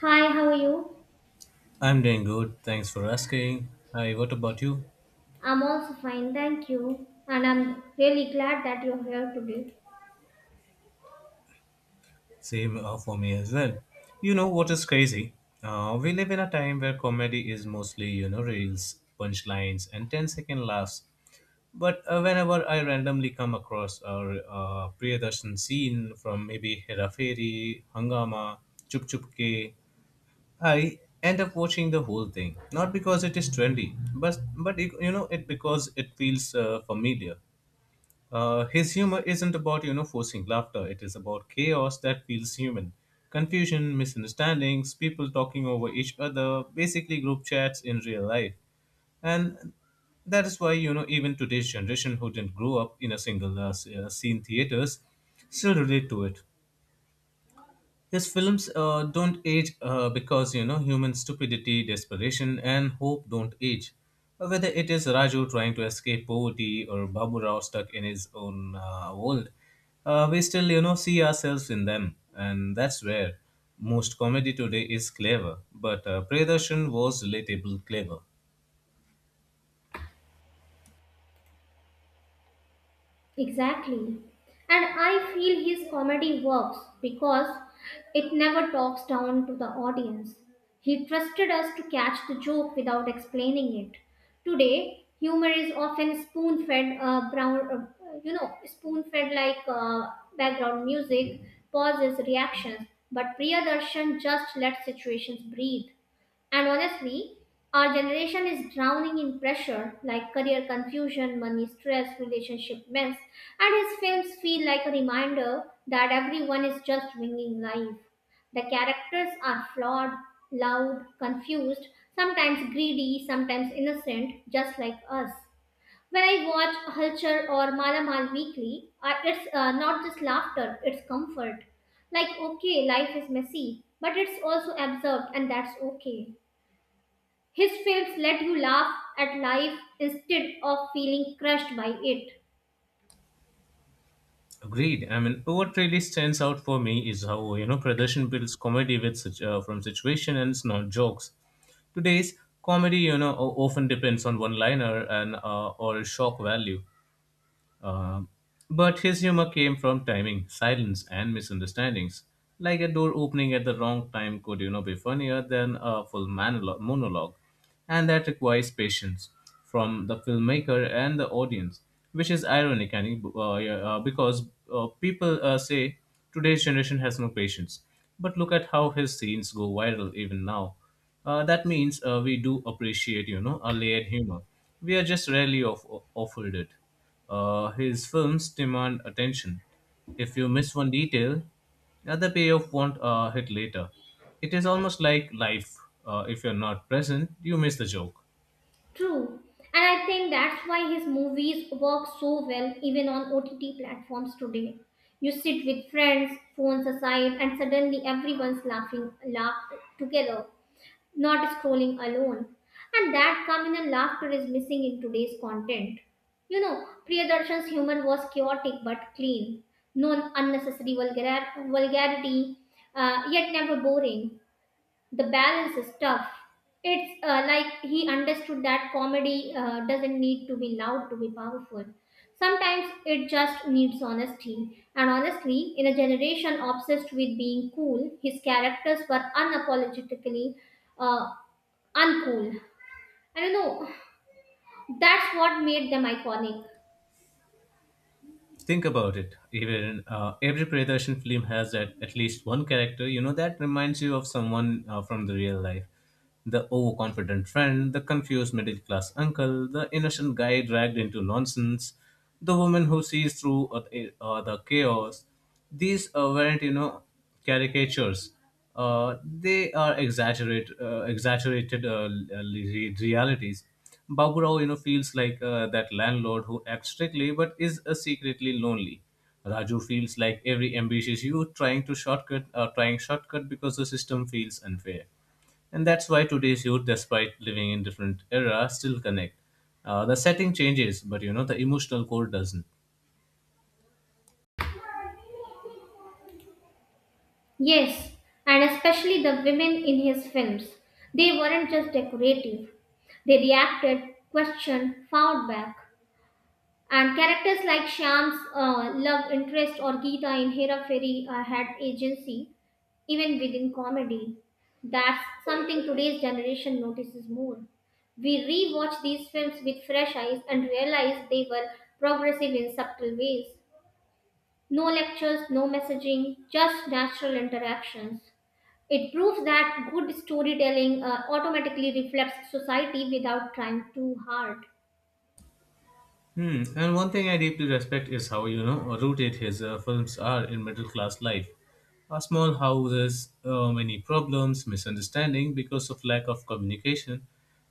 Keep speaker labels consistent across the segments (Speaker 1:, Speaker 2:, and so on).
Speaker 1: Hi, how are you?
Speaker 2: I'm doing good. Thanks for asking. Hi, what about you?
Speaker 1: I'm also fine, thank you. And I'm really glad that you're here today.
Speaker 2: Same for me as well. You know what is crazy? We live in a time where comedy is mostly, you know, reels, punchlines, and ten-second laughs. But whenever I randomly come across a Priyadarshan scene from maybe Hera Fairy, Hangama, Chup Chup Ke, I end up watching the whole thing. Not because it is trendy, but you know it because it feels familiar. His humor isn't about you know forcing laughter. It is about chaos that feels human, confusion, misunderstandings, people talking over each other, basically group chats in real life. And that is why you know even today's generation who didn't grow up in a single scene theaters still relate to it. Yes, films don't age because you know human stupidity, desperation, and hope don't age. Whether it is Raju trying to escape poverty or Babu Rao stuck in his own world, we still you know see ourselves in them, and that's where most comedy today is clever. But Priyadarshan was relatable clever.
Speaker 1: Exactly. And I feel his comedy works because it never talks down to the audience. He trusted us to catch the joke without explaining it. Today, humor is often spoon-fed like background music, pauses, reactions. But Priyadarshan just let situations breathe. And honestly, our generation is drowning in pressure like career confusion, money stress, relationship mess, and his films feel like a reminder that everyone is just winging life. The characters are flawed, loud, confused, sometimes greedy, sometimes innocent, just like us. When I watch Hulchar or Mala Mal Weekly, it's not just laughter, it's comfort. Like, okay, life is messy, but it's also absurd, and that's okay. His films let you laugh at life instead of feeling crushed by it.
Speaker 2: Agreed. I mean, what really stands out for me is how you know Pradershan builds comedy with such from situation and it's not jokes. Today's comedy, you know, often depends on one-liner and or shock value. Uh, but his humor came from timing, silence, and misunderstandings. Like a door opening at the wrong time could, you know, be funnier than a full monologue, and that requires patience from the filmmaker and the audience, which is ironic, and yeah, because people say today's generation has no patience. But look at how his scenes go viral even now. That means we do appreciate, you know, a layered humor. We are just rarely offered it. His films demand attention. If you miss one detail, the payoff won't hit later. It is almost like life. If you're not present, you miss the joke.
Speaker 1: True. And I think that's why his movies work so well even on OTT platforms today. You sit with friends, phones aside, and suddenly everyone's laughing laugh together, not scrolling alone. And that communal laughter is missing in today's content. You know, Priyadarshan's humor was chaotic but clean, no unnecessary vulgarity, yet never boring. The balance is tough. It's like he understood that comedy doesn't need to be loud to be powerful. Sometimes it just needs honesty. And honestly, in a generation obsessed with being cool, his characters were unapologetically uh, uncool. I don't know. That's what made them iconic.
Speaker 2: Think about it, even every Priyadarshan film has at least one character you know that reminds you of someone from the real life, the overconfident friend, the confused middle class uncle, the innocent guy dragged into nonsense, the woman who sees through the chaos. These weren't you know caricatures. They are exaggerated realities. Babu Rao, you know, feels like that landlord who acts strictly but is secretly lonely. Raju feels like every ambitious youth trying to shortcut, trying shortcut because the system feels unfair, and that's why today's youth, despite living in different era, still connect. The setting changes, but you know the emotional core doesn't.
Speaker 1: Yes, and especially the women in his films. They weren't just decorative. They reacted, questioned, fought back. And characters like Shyam's love interest or Geeta in Hera Fairy had agency, even within comedy. That's something today's generation notices more. We rewatch these films with fresh eyes and realize they were progressive in subtle ways. No lectures, no messaging, just natural interactions. It proves that good storytelling automatically reflects society without trying too hard.
Speaker 2: Hmm. And one thing I deeply respect is how you know rooted his films are in middle class life. Our small houses, many problems, misunderstanding because of lack of communication.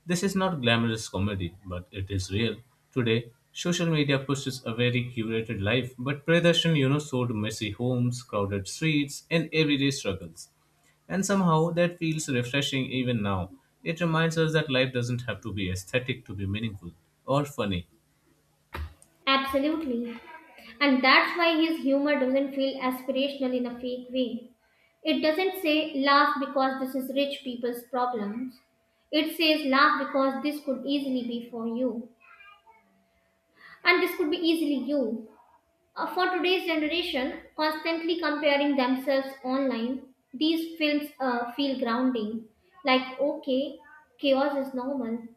Speaker 2: This is not glamorous comedy, but it is real. Today, social media pushes a very curated life, but Pradarshan, you know, showed messy homes, crowded streets, and everyday struggles. And somehow that feels refreshing even now. It reminds us that life doesn't have to be aesthetic to be meaningful or funny.
Speaker 1: Absolutely. And that's why his humor doesn't feel aspirational in a fake way. It doesn't say laugh because this is rich people's problems. It says laugh because this could easily be for you. And this could be easily you. For today's generation, constantly comparing themselves online, these films feel grounding. Like, okay, chaos is normal,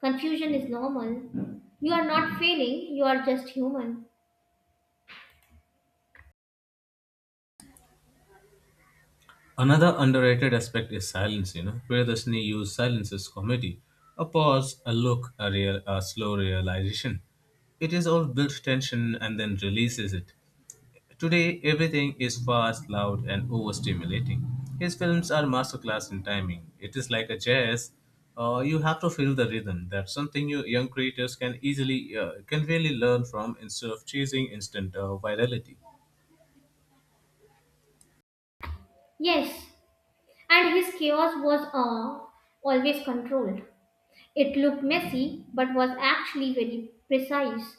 Speaker 1: confusion is normal. You are not failing, you are just human.
Speaker 2: Another underrated aspect is silence, you know, where Disney used silence as comedy. A pause, a look, a, real, a slow realization. It is all built tension and then releases it. Today, everything is fast, loud, and overstimulating. His films are masterclass in timing. It is like a jazz. You have to feel the rhythm. That's something you young creators can easily can really learn from instead of chasing instant virality.
Speaker 1: Yes, and his chaos was always controlled. It looked messy, but was actually very precise.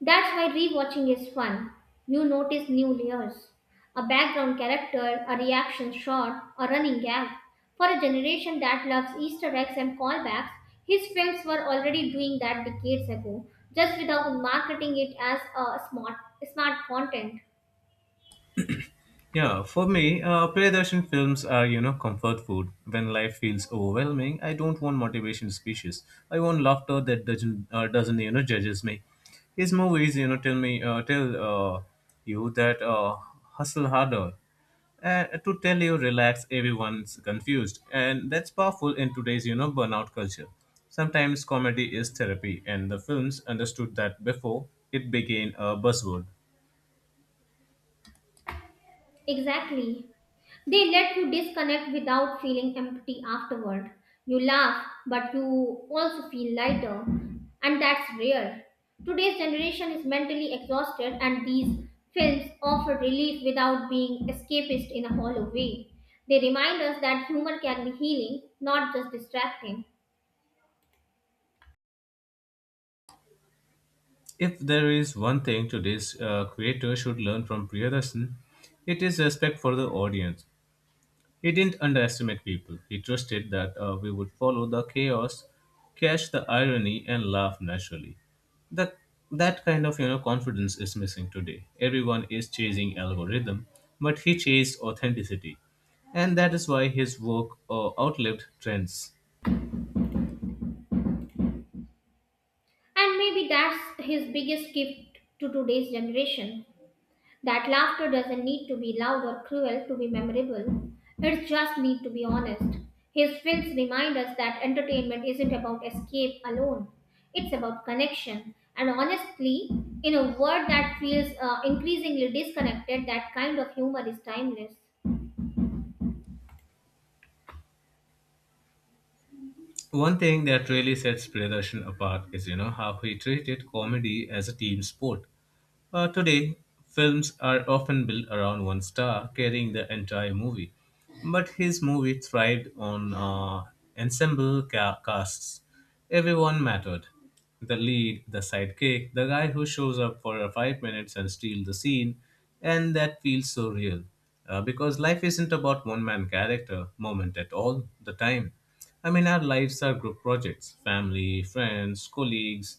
Speaker 1: That's why rewatching is fun. You notice new layers. A background character, a reaction shot, a running gag. For a generation that loves Easter eggs and callbacks, his films were already doing that decades ago, just without marketing it as a smart content.
Speaker 2: Yeah, for me, Priyadarshan films are, you know, comfort food. When life feels overwhelming, I don't want motivation speeches. I want laughter that doesn't you know judges me. His movies, you know, tell me, tell you that hustle harder, to tell you relax, everyone's confused, and that's powerful in today's you know burnout culture. Sometimes comedy is therapy, and the films understood that before it became a buzzword.
Speaker 1: Exactly. They let you disconnect without feeling empty afterward. You laugh, but you also feel lighter, and that's rare. Today's generation is mentally exhausted, and these films offer relief without being escapist in a hollow way. They remind us that humor can be healing, not just distracting.
Speaker 2: If there is one thing today's creator should learn from Priyadarshan, it is respect for the audience. He didn't underestimate people. He trusted that we would follow the chaos, catch the irony, and laugh naturally. That that kind of you know confidence is missing today. Everyone is chasing algorithm, but he chased authenticity, and that is why his work outlived trends.
Speaker 1: And maybe that's his biggest gift to today's generation. That laughter doesn't need to be loud or cruel to be memorable. It just needs to be honest. His films remind us that entertainment isn't about escape alone. It's about connection. And honestly, in a world that feels increasingly disconnected, that kind of humor is timeless.
Speaker 2: One thing that really sets Priyadarshan apart is you know how he treated comedy as a team sport. Today, films are often built around one star carrying the entire movie, but his movie thrived on ensemble casts. Everyone mattered. The lead, the sidekick, the guy who shows up for 5 minutes and steals the scene, and that feels so real. Because life isn't about one man character moment at all the time. I mean, our lives are group projects, family, friends, colleagues,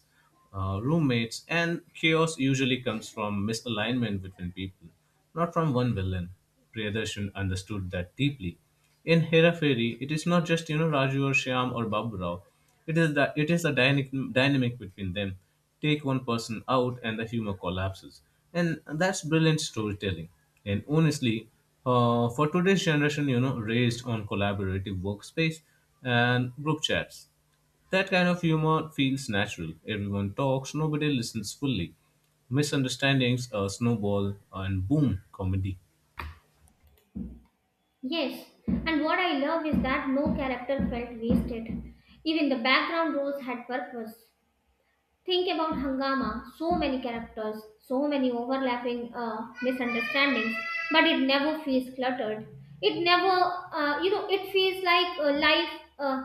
Speaker 2: roommates, and chaos usually comes from misalignment between people, not from one villain. Priyadarshan understood that deeply. In Hera-Fairy, it is not just you know Raju or Shyam or Babu Rao. It is that it is a dynamic between them. Take one person out, and the humor collapses, and that's brilliant storytelling. And honestly, for today's generation, you know, raised on collaborative workspace and group chats. That kind of humor feels natural. Everyone talks, nobody listens fully. Misunderstandings snowball, and boom, comedy.
Speaker 1: Yes, and what I love is that no character felt wasted. Even the background roles had purpose. Think about Hangama, so many characters, so many overlapping misunderstandings, but it never feels cluttered. It never, you know, It feels like life uh,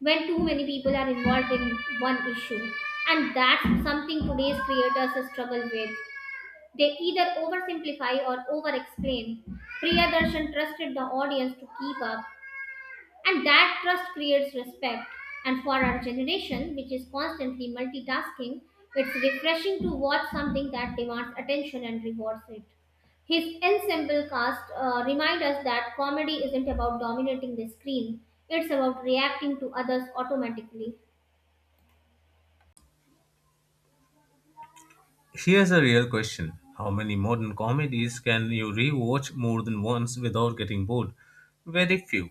Speaker 1: when too many people are involved in one issue. And that's something today's creators struggle with. They either oversimplify or over explain. Priyadarshan trusted the audience to keep up, and that trust creates respect. And for our generation, which is constantly multitasking, it's refreshing to watch something that demands attention and rewards it. His ensemble cast remind us that comedy isn't about dominating the screen, it's about reacting to others automatically.
Speaker 2: Here's a real question: how many modern comedies can you rewatch more than once without getting bored? Very few.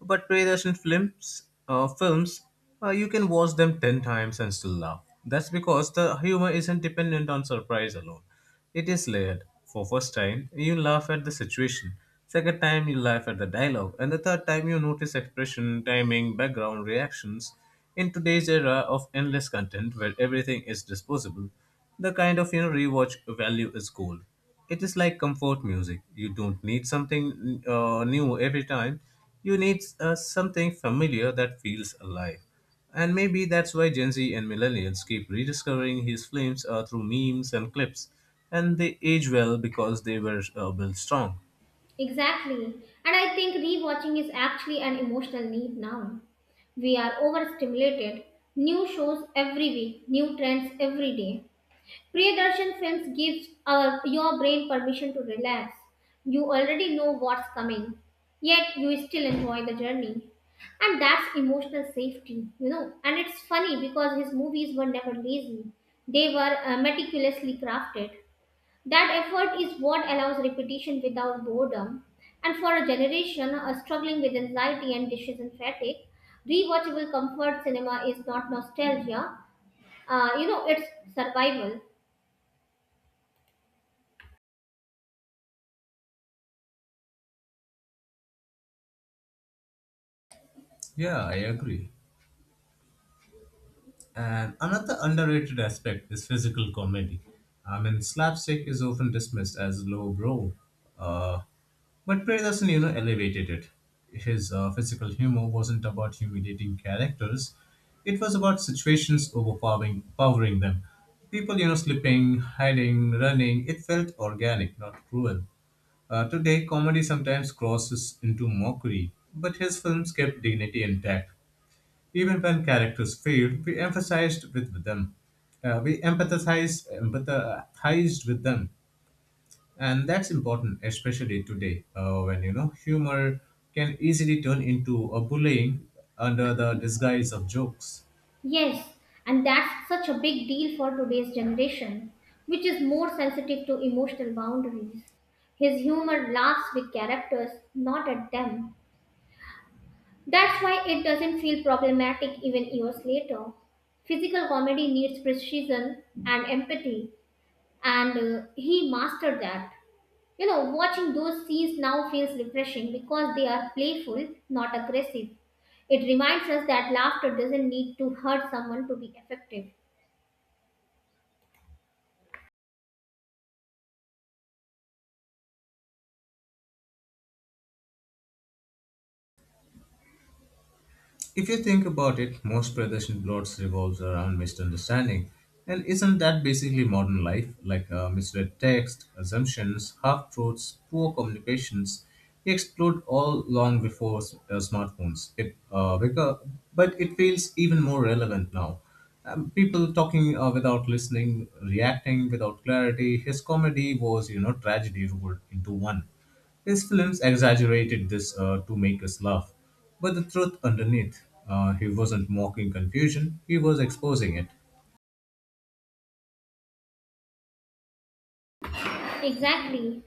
Speaker 2: But Priyadarshan films, you can watch them 10 times and still laugh. That's because the humor isn't dependent on surprise alone. It is layered. For first time, you laugh at the situation. Second time, you laugh at the dialogue. And the third time, you notice expression, timing, background, reactions. In today's era of endless content where everything is disposable, the kind of you know rewatch value is gold. It is like comfort music. You don't need something new every time. You need something familiar that feels alive. And maybe that's why Gen Z and millennials keep rediscovering his films through memes and clips. And they age well because they were built strong.
Speaker 1: Exactly. And I think rewatching is actually an emotional need now. We are overstimulated. New shows every week, new trends every day. Priyadarshan Films gives your brain permission to relax. You already know what's coming, yet you still enjoy the journey. And that's emotional safety, you know. And it's funny because his movies were never lazy, they were meticulously crafted. That effort is what allows repetition without boredom. And for a generation struggling with anxiety and dishes and fatigue, rewatchable comfort cinema is not nostalgia, it's survival.
Speaker 2: Yeah, I agree. And another underrated aspect is physical comedy. I mean, slapstick is often dismissed as lowbrow, uh, but Prey you know elevated it. His physical humor wasn't about humiliating characters; it was about situations powering them. People, you know, slipping, hiding, running. It felt organic, not cruel. Today, comedy sometimes crosses into mockery, but his films kept dignity intact. Even when characters failed, we emphasized with them. We empathized with them, and that's important, especially today, when you know humor can easily turn into a bullying under the disguise of jokes.
Speaker 1: Yes, and that's such a big deal for today's generation, which is more sensitive to emotional boundaries. His humor laughs with characters, not at them. That's why it doesn't feel problematic even years later. Physical comedy needs precision and empathy, and he mastered that. You know, watching those scenes now feels refreshing because they are playful, not aggressive. It reminds us that laughter doesn't need to hurt someone to be effective.
Speaker 2: If you think about it, most Pradesh plots revolves around misunderstanding. And isn't that basically modern life? Like misread text, assumptions, half truths, poor communications. We explode all long before smartphones. But it feels even more relevant now. People talking without listening, reacting without clarity. His comedy was, you know, tragedy rolled into one. His films exaggerated this to make us laugh, but the truth underneath, he wasn't mocking confusion, he was exposing it.
Speaker 1: Exactly.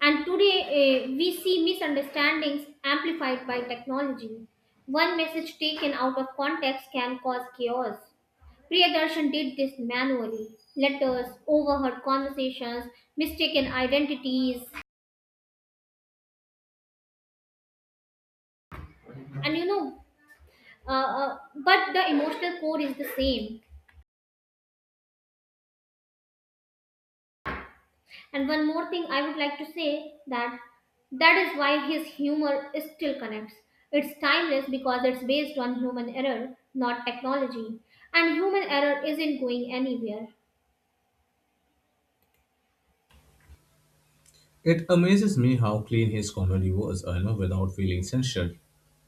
Speaker 1: And today we see misunderstandings amplified by technology. One message taken out of context can cause chaos. Priyadarshan did this manually. Letters, overheard conversations, mistaken identities, and you know, but the emotional core is the same. And one more thing I would like to say that that is why his humor still connects. It's timeless because it's based on human error, not technology. And human error isn't going anywhere.
Speaker 2: It amazes me how clean his comedy was, you know, without feeling censured.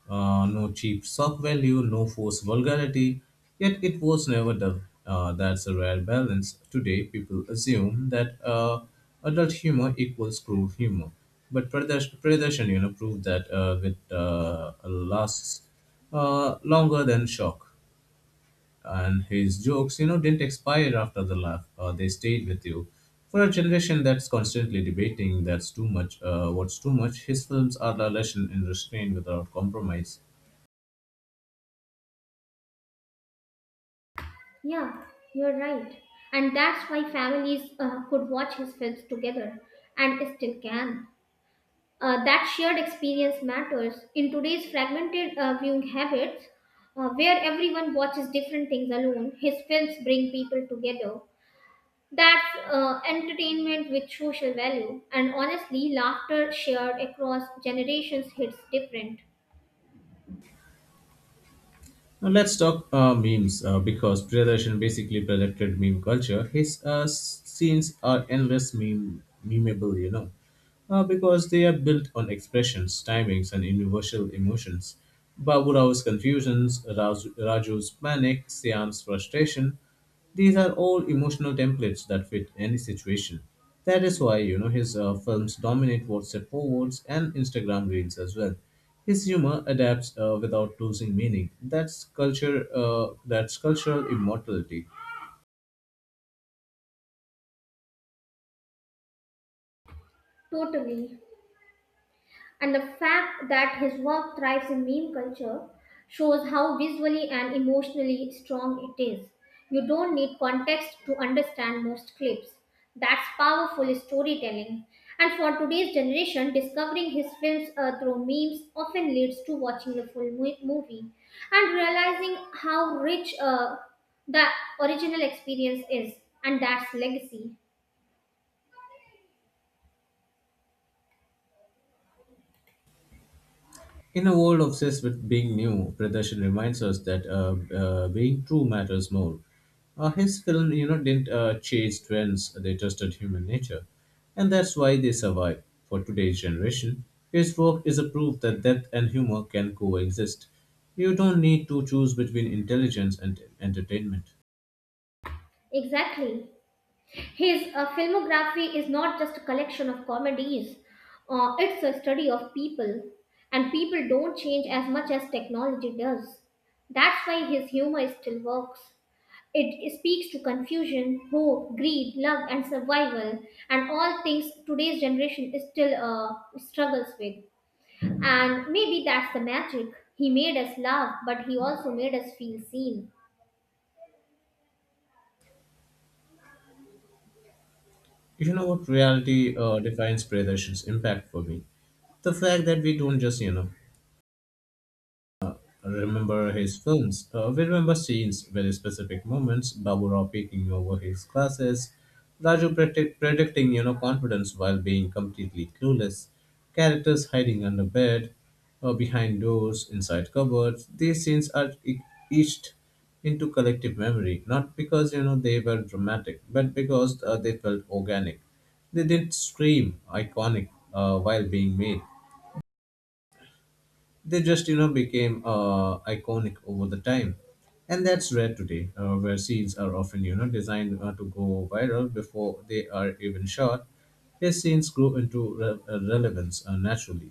Speaker 2: No cheap shock value, no forced vulgarity, yet it was never dull. That's a rare balance. Today, people assume that adult humor equals cruel humor. But Pradesh you know proved that it lasts longer than shock, and his jokes you know didn't expire after the laugh. They stayed with you. For a generation that's constantly debating that's too much, what's too much, his films are a lesson in restraint without compromise.
Speaker 1: Yeah, you're right. And that's why families could watch his films together and still can. That shared experience matters. In today's fragmented viewing habits, where everyone watches different things alone, his films bring people together. That's entertainment with social value. And honestly, laughter shared across generations hits different.
Speaker 2: Now let's talk memes, because Priyadarshan basically projected meme culture. His scenes are endless memeable, you know, because they are built on expressions, timings, and universal emotions. Babu Rao's confusions, Raju's panic, Siam's frustration, these are all emotional templates that fit any situation. That is why, you know, his films dominate WhatsApp forwards and Instagram reels as well. His humor adapts without losing meaning. That's culture. That's cultural immortality.
Speaker 1: Totally. And the fact that his work thrives in meme culture shows how visually and emotionally strong it is. You don't need context to understand most clips. That's powerful storytelling. And for today's generation, discovering his films through memes often leads to watching the full movie and realizing how rich the original experience is. And that's legacy.
Speaker 2: In a world obsessed with being new, Pradershan reminds us that being true matters more. His film, you know, didn't chase trends; they tested human nature, and that's why they survive. For today's generation, his work is a proof that depth and humor can coexist. You don't need to choose between intelligence and entertainment.
Speaker 1: Exactly. His filmography is not just a collection of comedies, it's a study of people, and people don't change as much as technology does. That's why his humor still works. It speaks to confusion, hope, greed, love, and survival, and all things today's generation is still struggles with. And maybe that's the magic. He made us laugh, but he also made us feel seen.
Speaker 2: You know what reality defines Pradershan's impact for me? The fact that we don't just, I remember his films. We remember scenes, very specific moments. Babu Rao peeking over his glasses, Raju predicting, confidence while being completely clueless, characters hiding under bed, behind doors, inside cupboards. These scenes are etched into collective memory, not because they were dramatic, but because they felt organic. They didn't scream iconic while being made, they just became iconic over the time, and that's rare today, where scenes are often designed to go viral before they are even shot. His scenes grew into relevance naturally,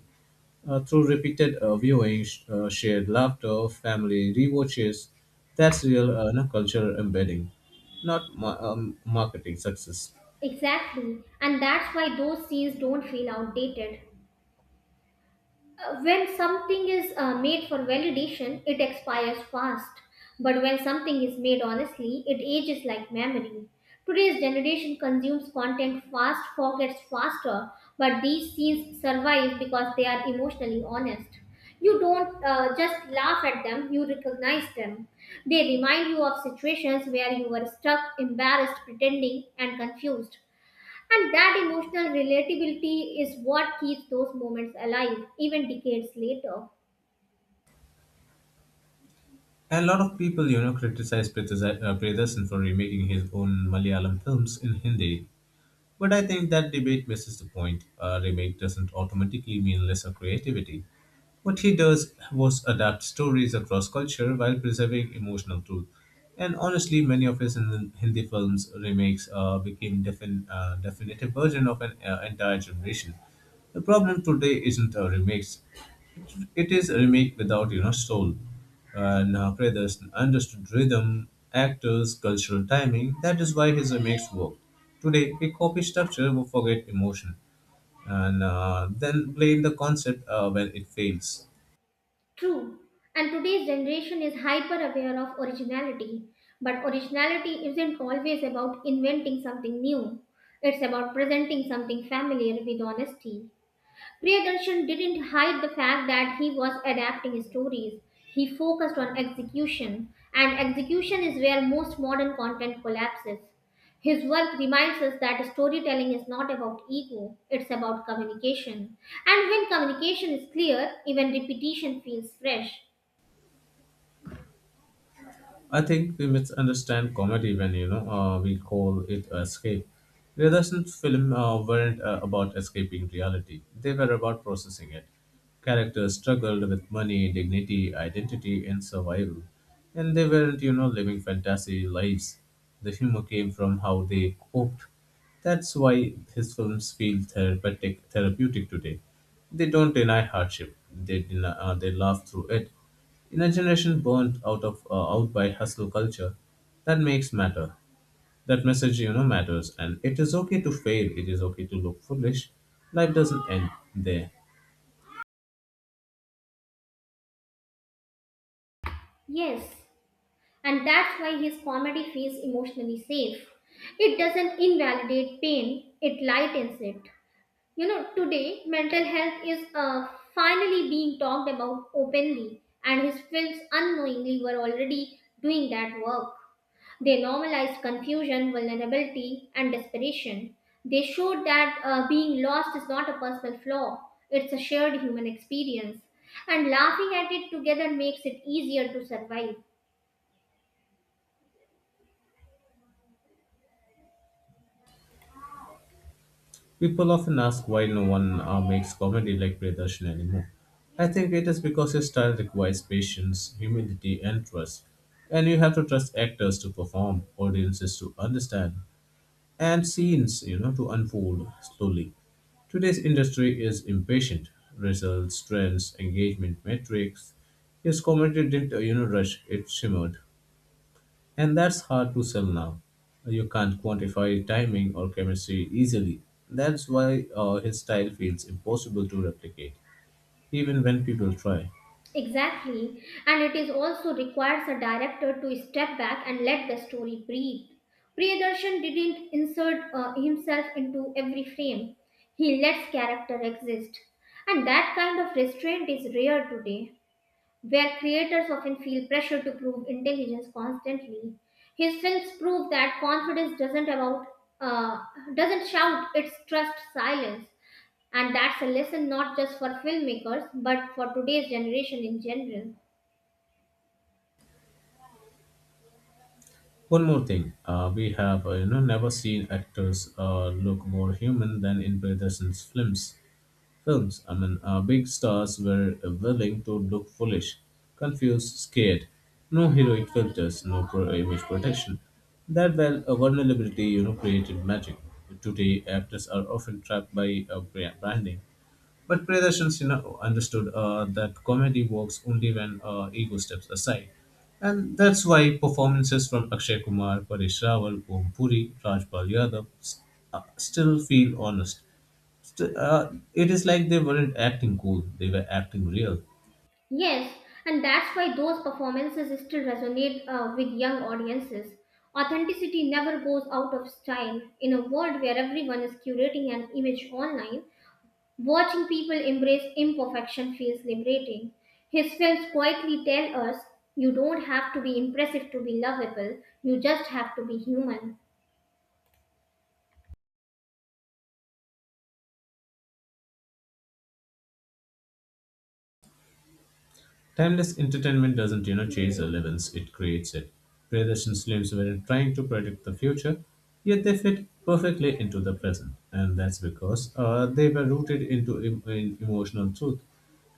Speaker 2: through repeated viewing, shared laughter, family rewatches. That's real, cultural embedding, not marketing success.
Speaker 1: Exactly, and that's why those scenes don't feel outdated. When something is made for validation, it expires fast. But when something is made honestly, it ages like memory. Today's generation consumes content fast, forgets faster, but these scenes survive because they are emotionally honest. You don't just laugh at them, you recognize them. They remind you of situations where you were stuck, embarrassed, pretending, and confused. And that emotional relatability is what keeps those moments alive, even decades later.
Speaker 2: And a lot of people, criticize Priyadasan for remaking his own Malayalam films in Hindi. But I think that debate misses the point. A remake doesn't automatically mean lesser creativity. What he does was adapt stories across culture while preserving emotional truth. And honestly, many of his Hindi films remakes became definitive version of an entire generation. The problem today isn't remakes. It is a remake without soul, and Creathers understood rhythm, actors, cultural timing. That is why his remakes work. Today we copy structure, we forget emotion, and then blame the concept when it fails.
Speaker 1: True. And today's generation is hyper aware of originality. But originality isn't always about inventing something new, it's about presenting something familiar with honesty. Priyadarshan didn't hide the fact that he was adapting stories. He focused on execution, and execution is where most modern content collapses. His work reminds us that storytelling is not about ego, it's about communication. And when communication is clear, even repetition feels fresh.
Speaker 2: I think we misunderstand comedy when we call it a escape. Realism's film weren't about escaping reality; they were about processing it. Characters struggled with money, dignity, identity, and survival, and they weren't living fantasy lives. The humor came from how they coped. That's why his films feel therapeutic, therapeutic today. They don't deny hardship; they they laugh through it, in a generation burnt out of out by hustle culture that makes matter, that message matters. And it is okay to fail, it is okay to look foolish, life doesn't end there.
Speaker 1: Yes, and that's why his comedy feels emotionally safe. It doesn't invalidate pain, it lightens it. You know, today mental health is finally being talked about openly, and his films unknowingly were already doing that work. They normalized confusion, vulnerability, and desperation. They showed that being lost is not a personal flaw, it's a shared human experience. And laughing at it together makes it easier to survive.
Speaker 2: People often ask why no one makes comedy like Priyadarshan anymore. I think it is because his style requires patience, humility, and trust, and you have to trust actors to perform, audiences to understand, and scenes to unfold slowly. Today's industry is impatient, results, trends, engagement metrics. His commentary didn't rush, it shimmered, and that's hard to sell now. You can't quantify timing or chemistry easily. That's why his style feels impossible to replicate, even when people try.
Speaker 1: Exactly, and it is also requires a director to step back and let the story breathe. Priyadarshan didn't insert himself into every frame. He lets character exist, and that kind of restraint is rare today where creators often feel pressure to prove intelligence constantly. His films prove that confidence uh, doesn't shout; it's trust silence, and that's a lesson not just for filmmakers but for today's generation in general.
Speaker 2: One more thing, we have never seen actors look more human than in Peterson's films. Films, I mean, big stars were willing to look foolish, confused, scared. No heroic filters, no image protection. That well, a vulnerability created magic. Today, actors are often trapped by branding, but Priyadarshan Sinha understood that comedy works only when ego steps aside. And that's why performances from Akshay Kumar, Paresh Rawal, Om Puri, Rajpal Yadav still feel honest. It is like they weren't acting cool, they were acting real.
Speaker 1: Yes, and that's why those performances still resonate with young audiences. Authenticity never goes out of style. In a world where everyone is curating an image online, watching people embrace imperfection feels liberating. His films quietly tell us you don't have to be impressive to be lovable, you just have to be human.
Speaker 2: Timeless entertainment doesn't, chase relevance, it creates it. Predations lives were trying to predict the future, yet they fit perfectly into the present. And that's because they were rooted in emotional truth.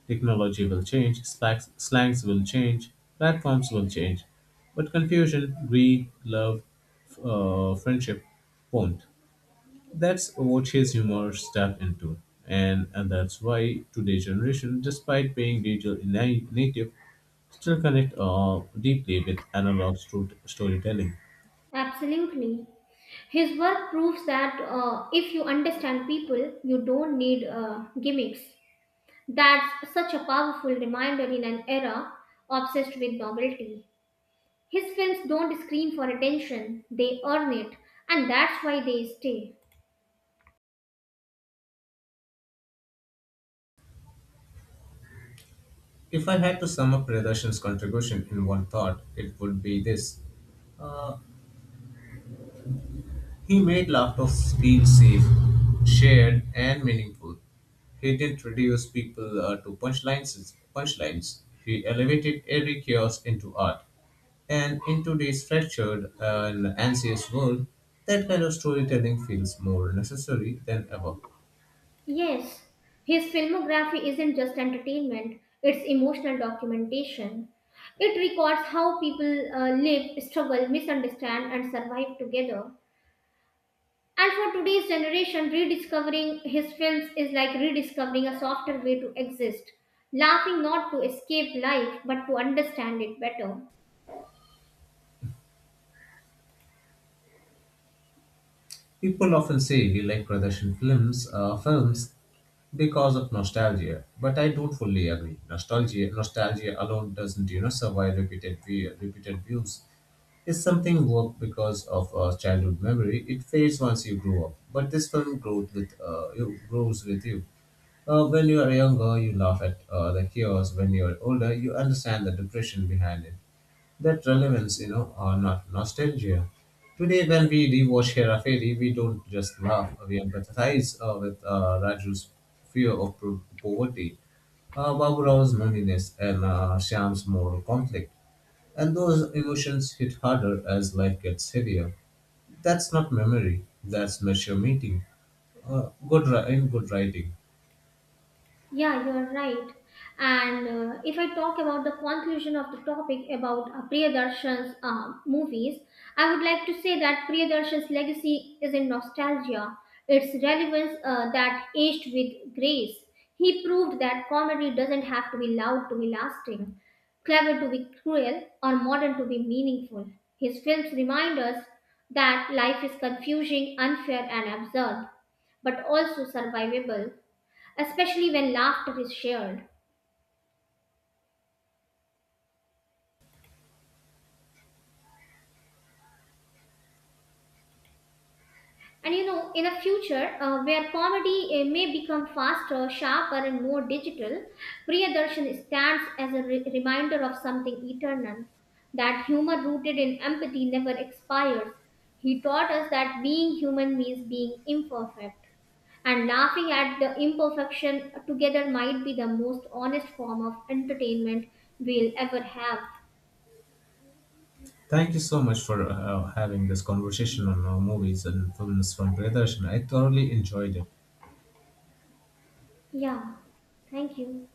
Speaker 2: Technology will change, slacks, slangs will change, platforms will change. But confusion, greed, love, friendship won't. That's what his humor stepped into. And that's why today's generation, despite being digital native, still connect deeply with analog storytelling.
Speaker 1: Absolutely. His work proves that if you understand people, you don't need gimmicks. That's such a powerful reminder in an era obsessed with novelty. His films don't scream for attention, they earn it, and that's why they stay.
Speaker 2: If I had to sum up Pradarshan's contribution in one thought, it would be this. He made laughter feel safe, shared, and meaningful. He didn't reduce people to punchlines. He elevated every chaos into art. And in today's fractured and anxious world, that kind of storytelling feels more necessary than ever.
Speaker 1: Yes, his filmography isn't just entertainment, it's emotional documentation. It records how people live, struggle, misunderstand, and survive together. And for today's generation, rediscovering his films is like rediscovering a softer way to exist, laughing not to escape life but to understand it better.
Speaker 2: People often say they like Pradarshan films because of nostalgia, but I don't fully agree. Nostalgia alone doesn't survive repeated views. If something worked because of a childhood memory, it fades once you grow up. But this film grows with you. When you are younger, you laugh at the chaos. When you are older, you understand the depression behind it. That relevance, or not nostalgia. Today, when we rewatch Hera Fairy, we don't just laugh. We empathize with Raju's fear of poverty, Babu Rao's loneliness, and Shyam's moral conflict. And those emotions hit harder as life gets heavier. That's not memory, that's mature meeting. In good writing.
Speaker 1: Yeah, you're right. And if I talk about the conclusion of the topic about Priyadarshan's movies, I would like to say that Priyadarshan's legacy is in nostalgia, its relevance that aged with grace. He proved that comedy doesn't have to be loud to be lasting, clever to be cruel, or modern to be meaningful. His films remind us that life is confusing, unfair, and absurd but also survivable, especially when laughter is shared. And you know, in a future where comedy may become faster, sharper, and more digital, Priyadarshan stands as a reminder of something eternal, that humor rooted in empathy never expires. He taught us that being human means being imperfect, and laughing at the imperfection together might be the most honest form of entertainment we'll ever have.
Speaker 2: Thank you so much for having this conversation on movies and films from Priyadarshini. I thoroughly enjoyed it.
Speaker 1: Yeah, thank you.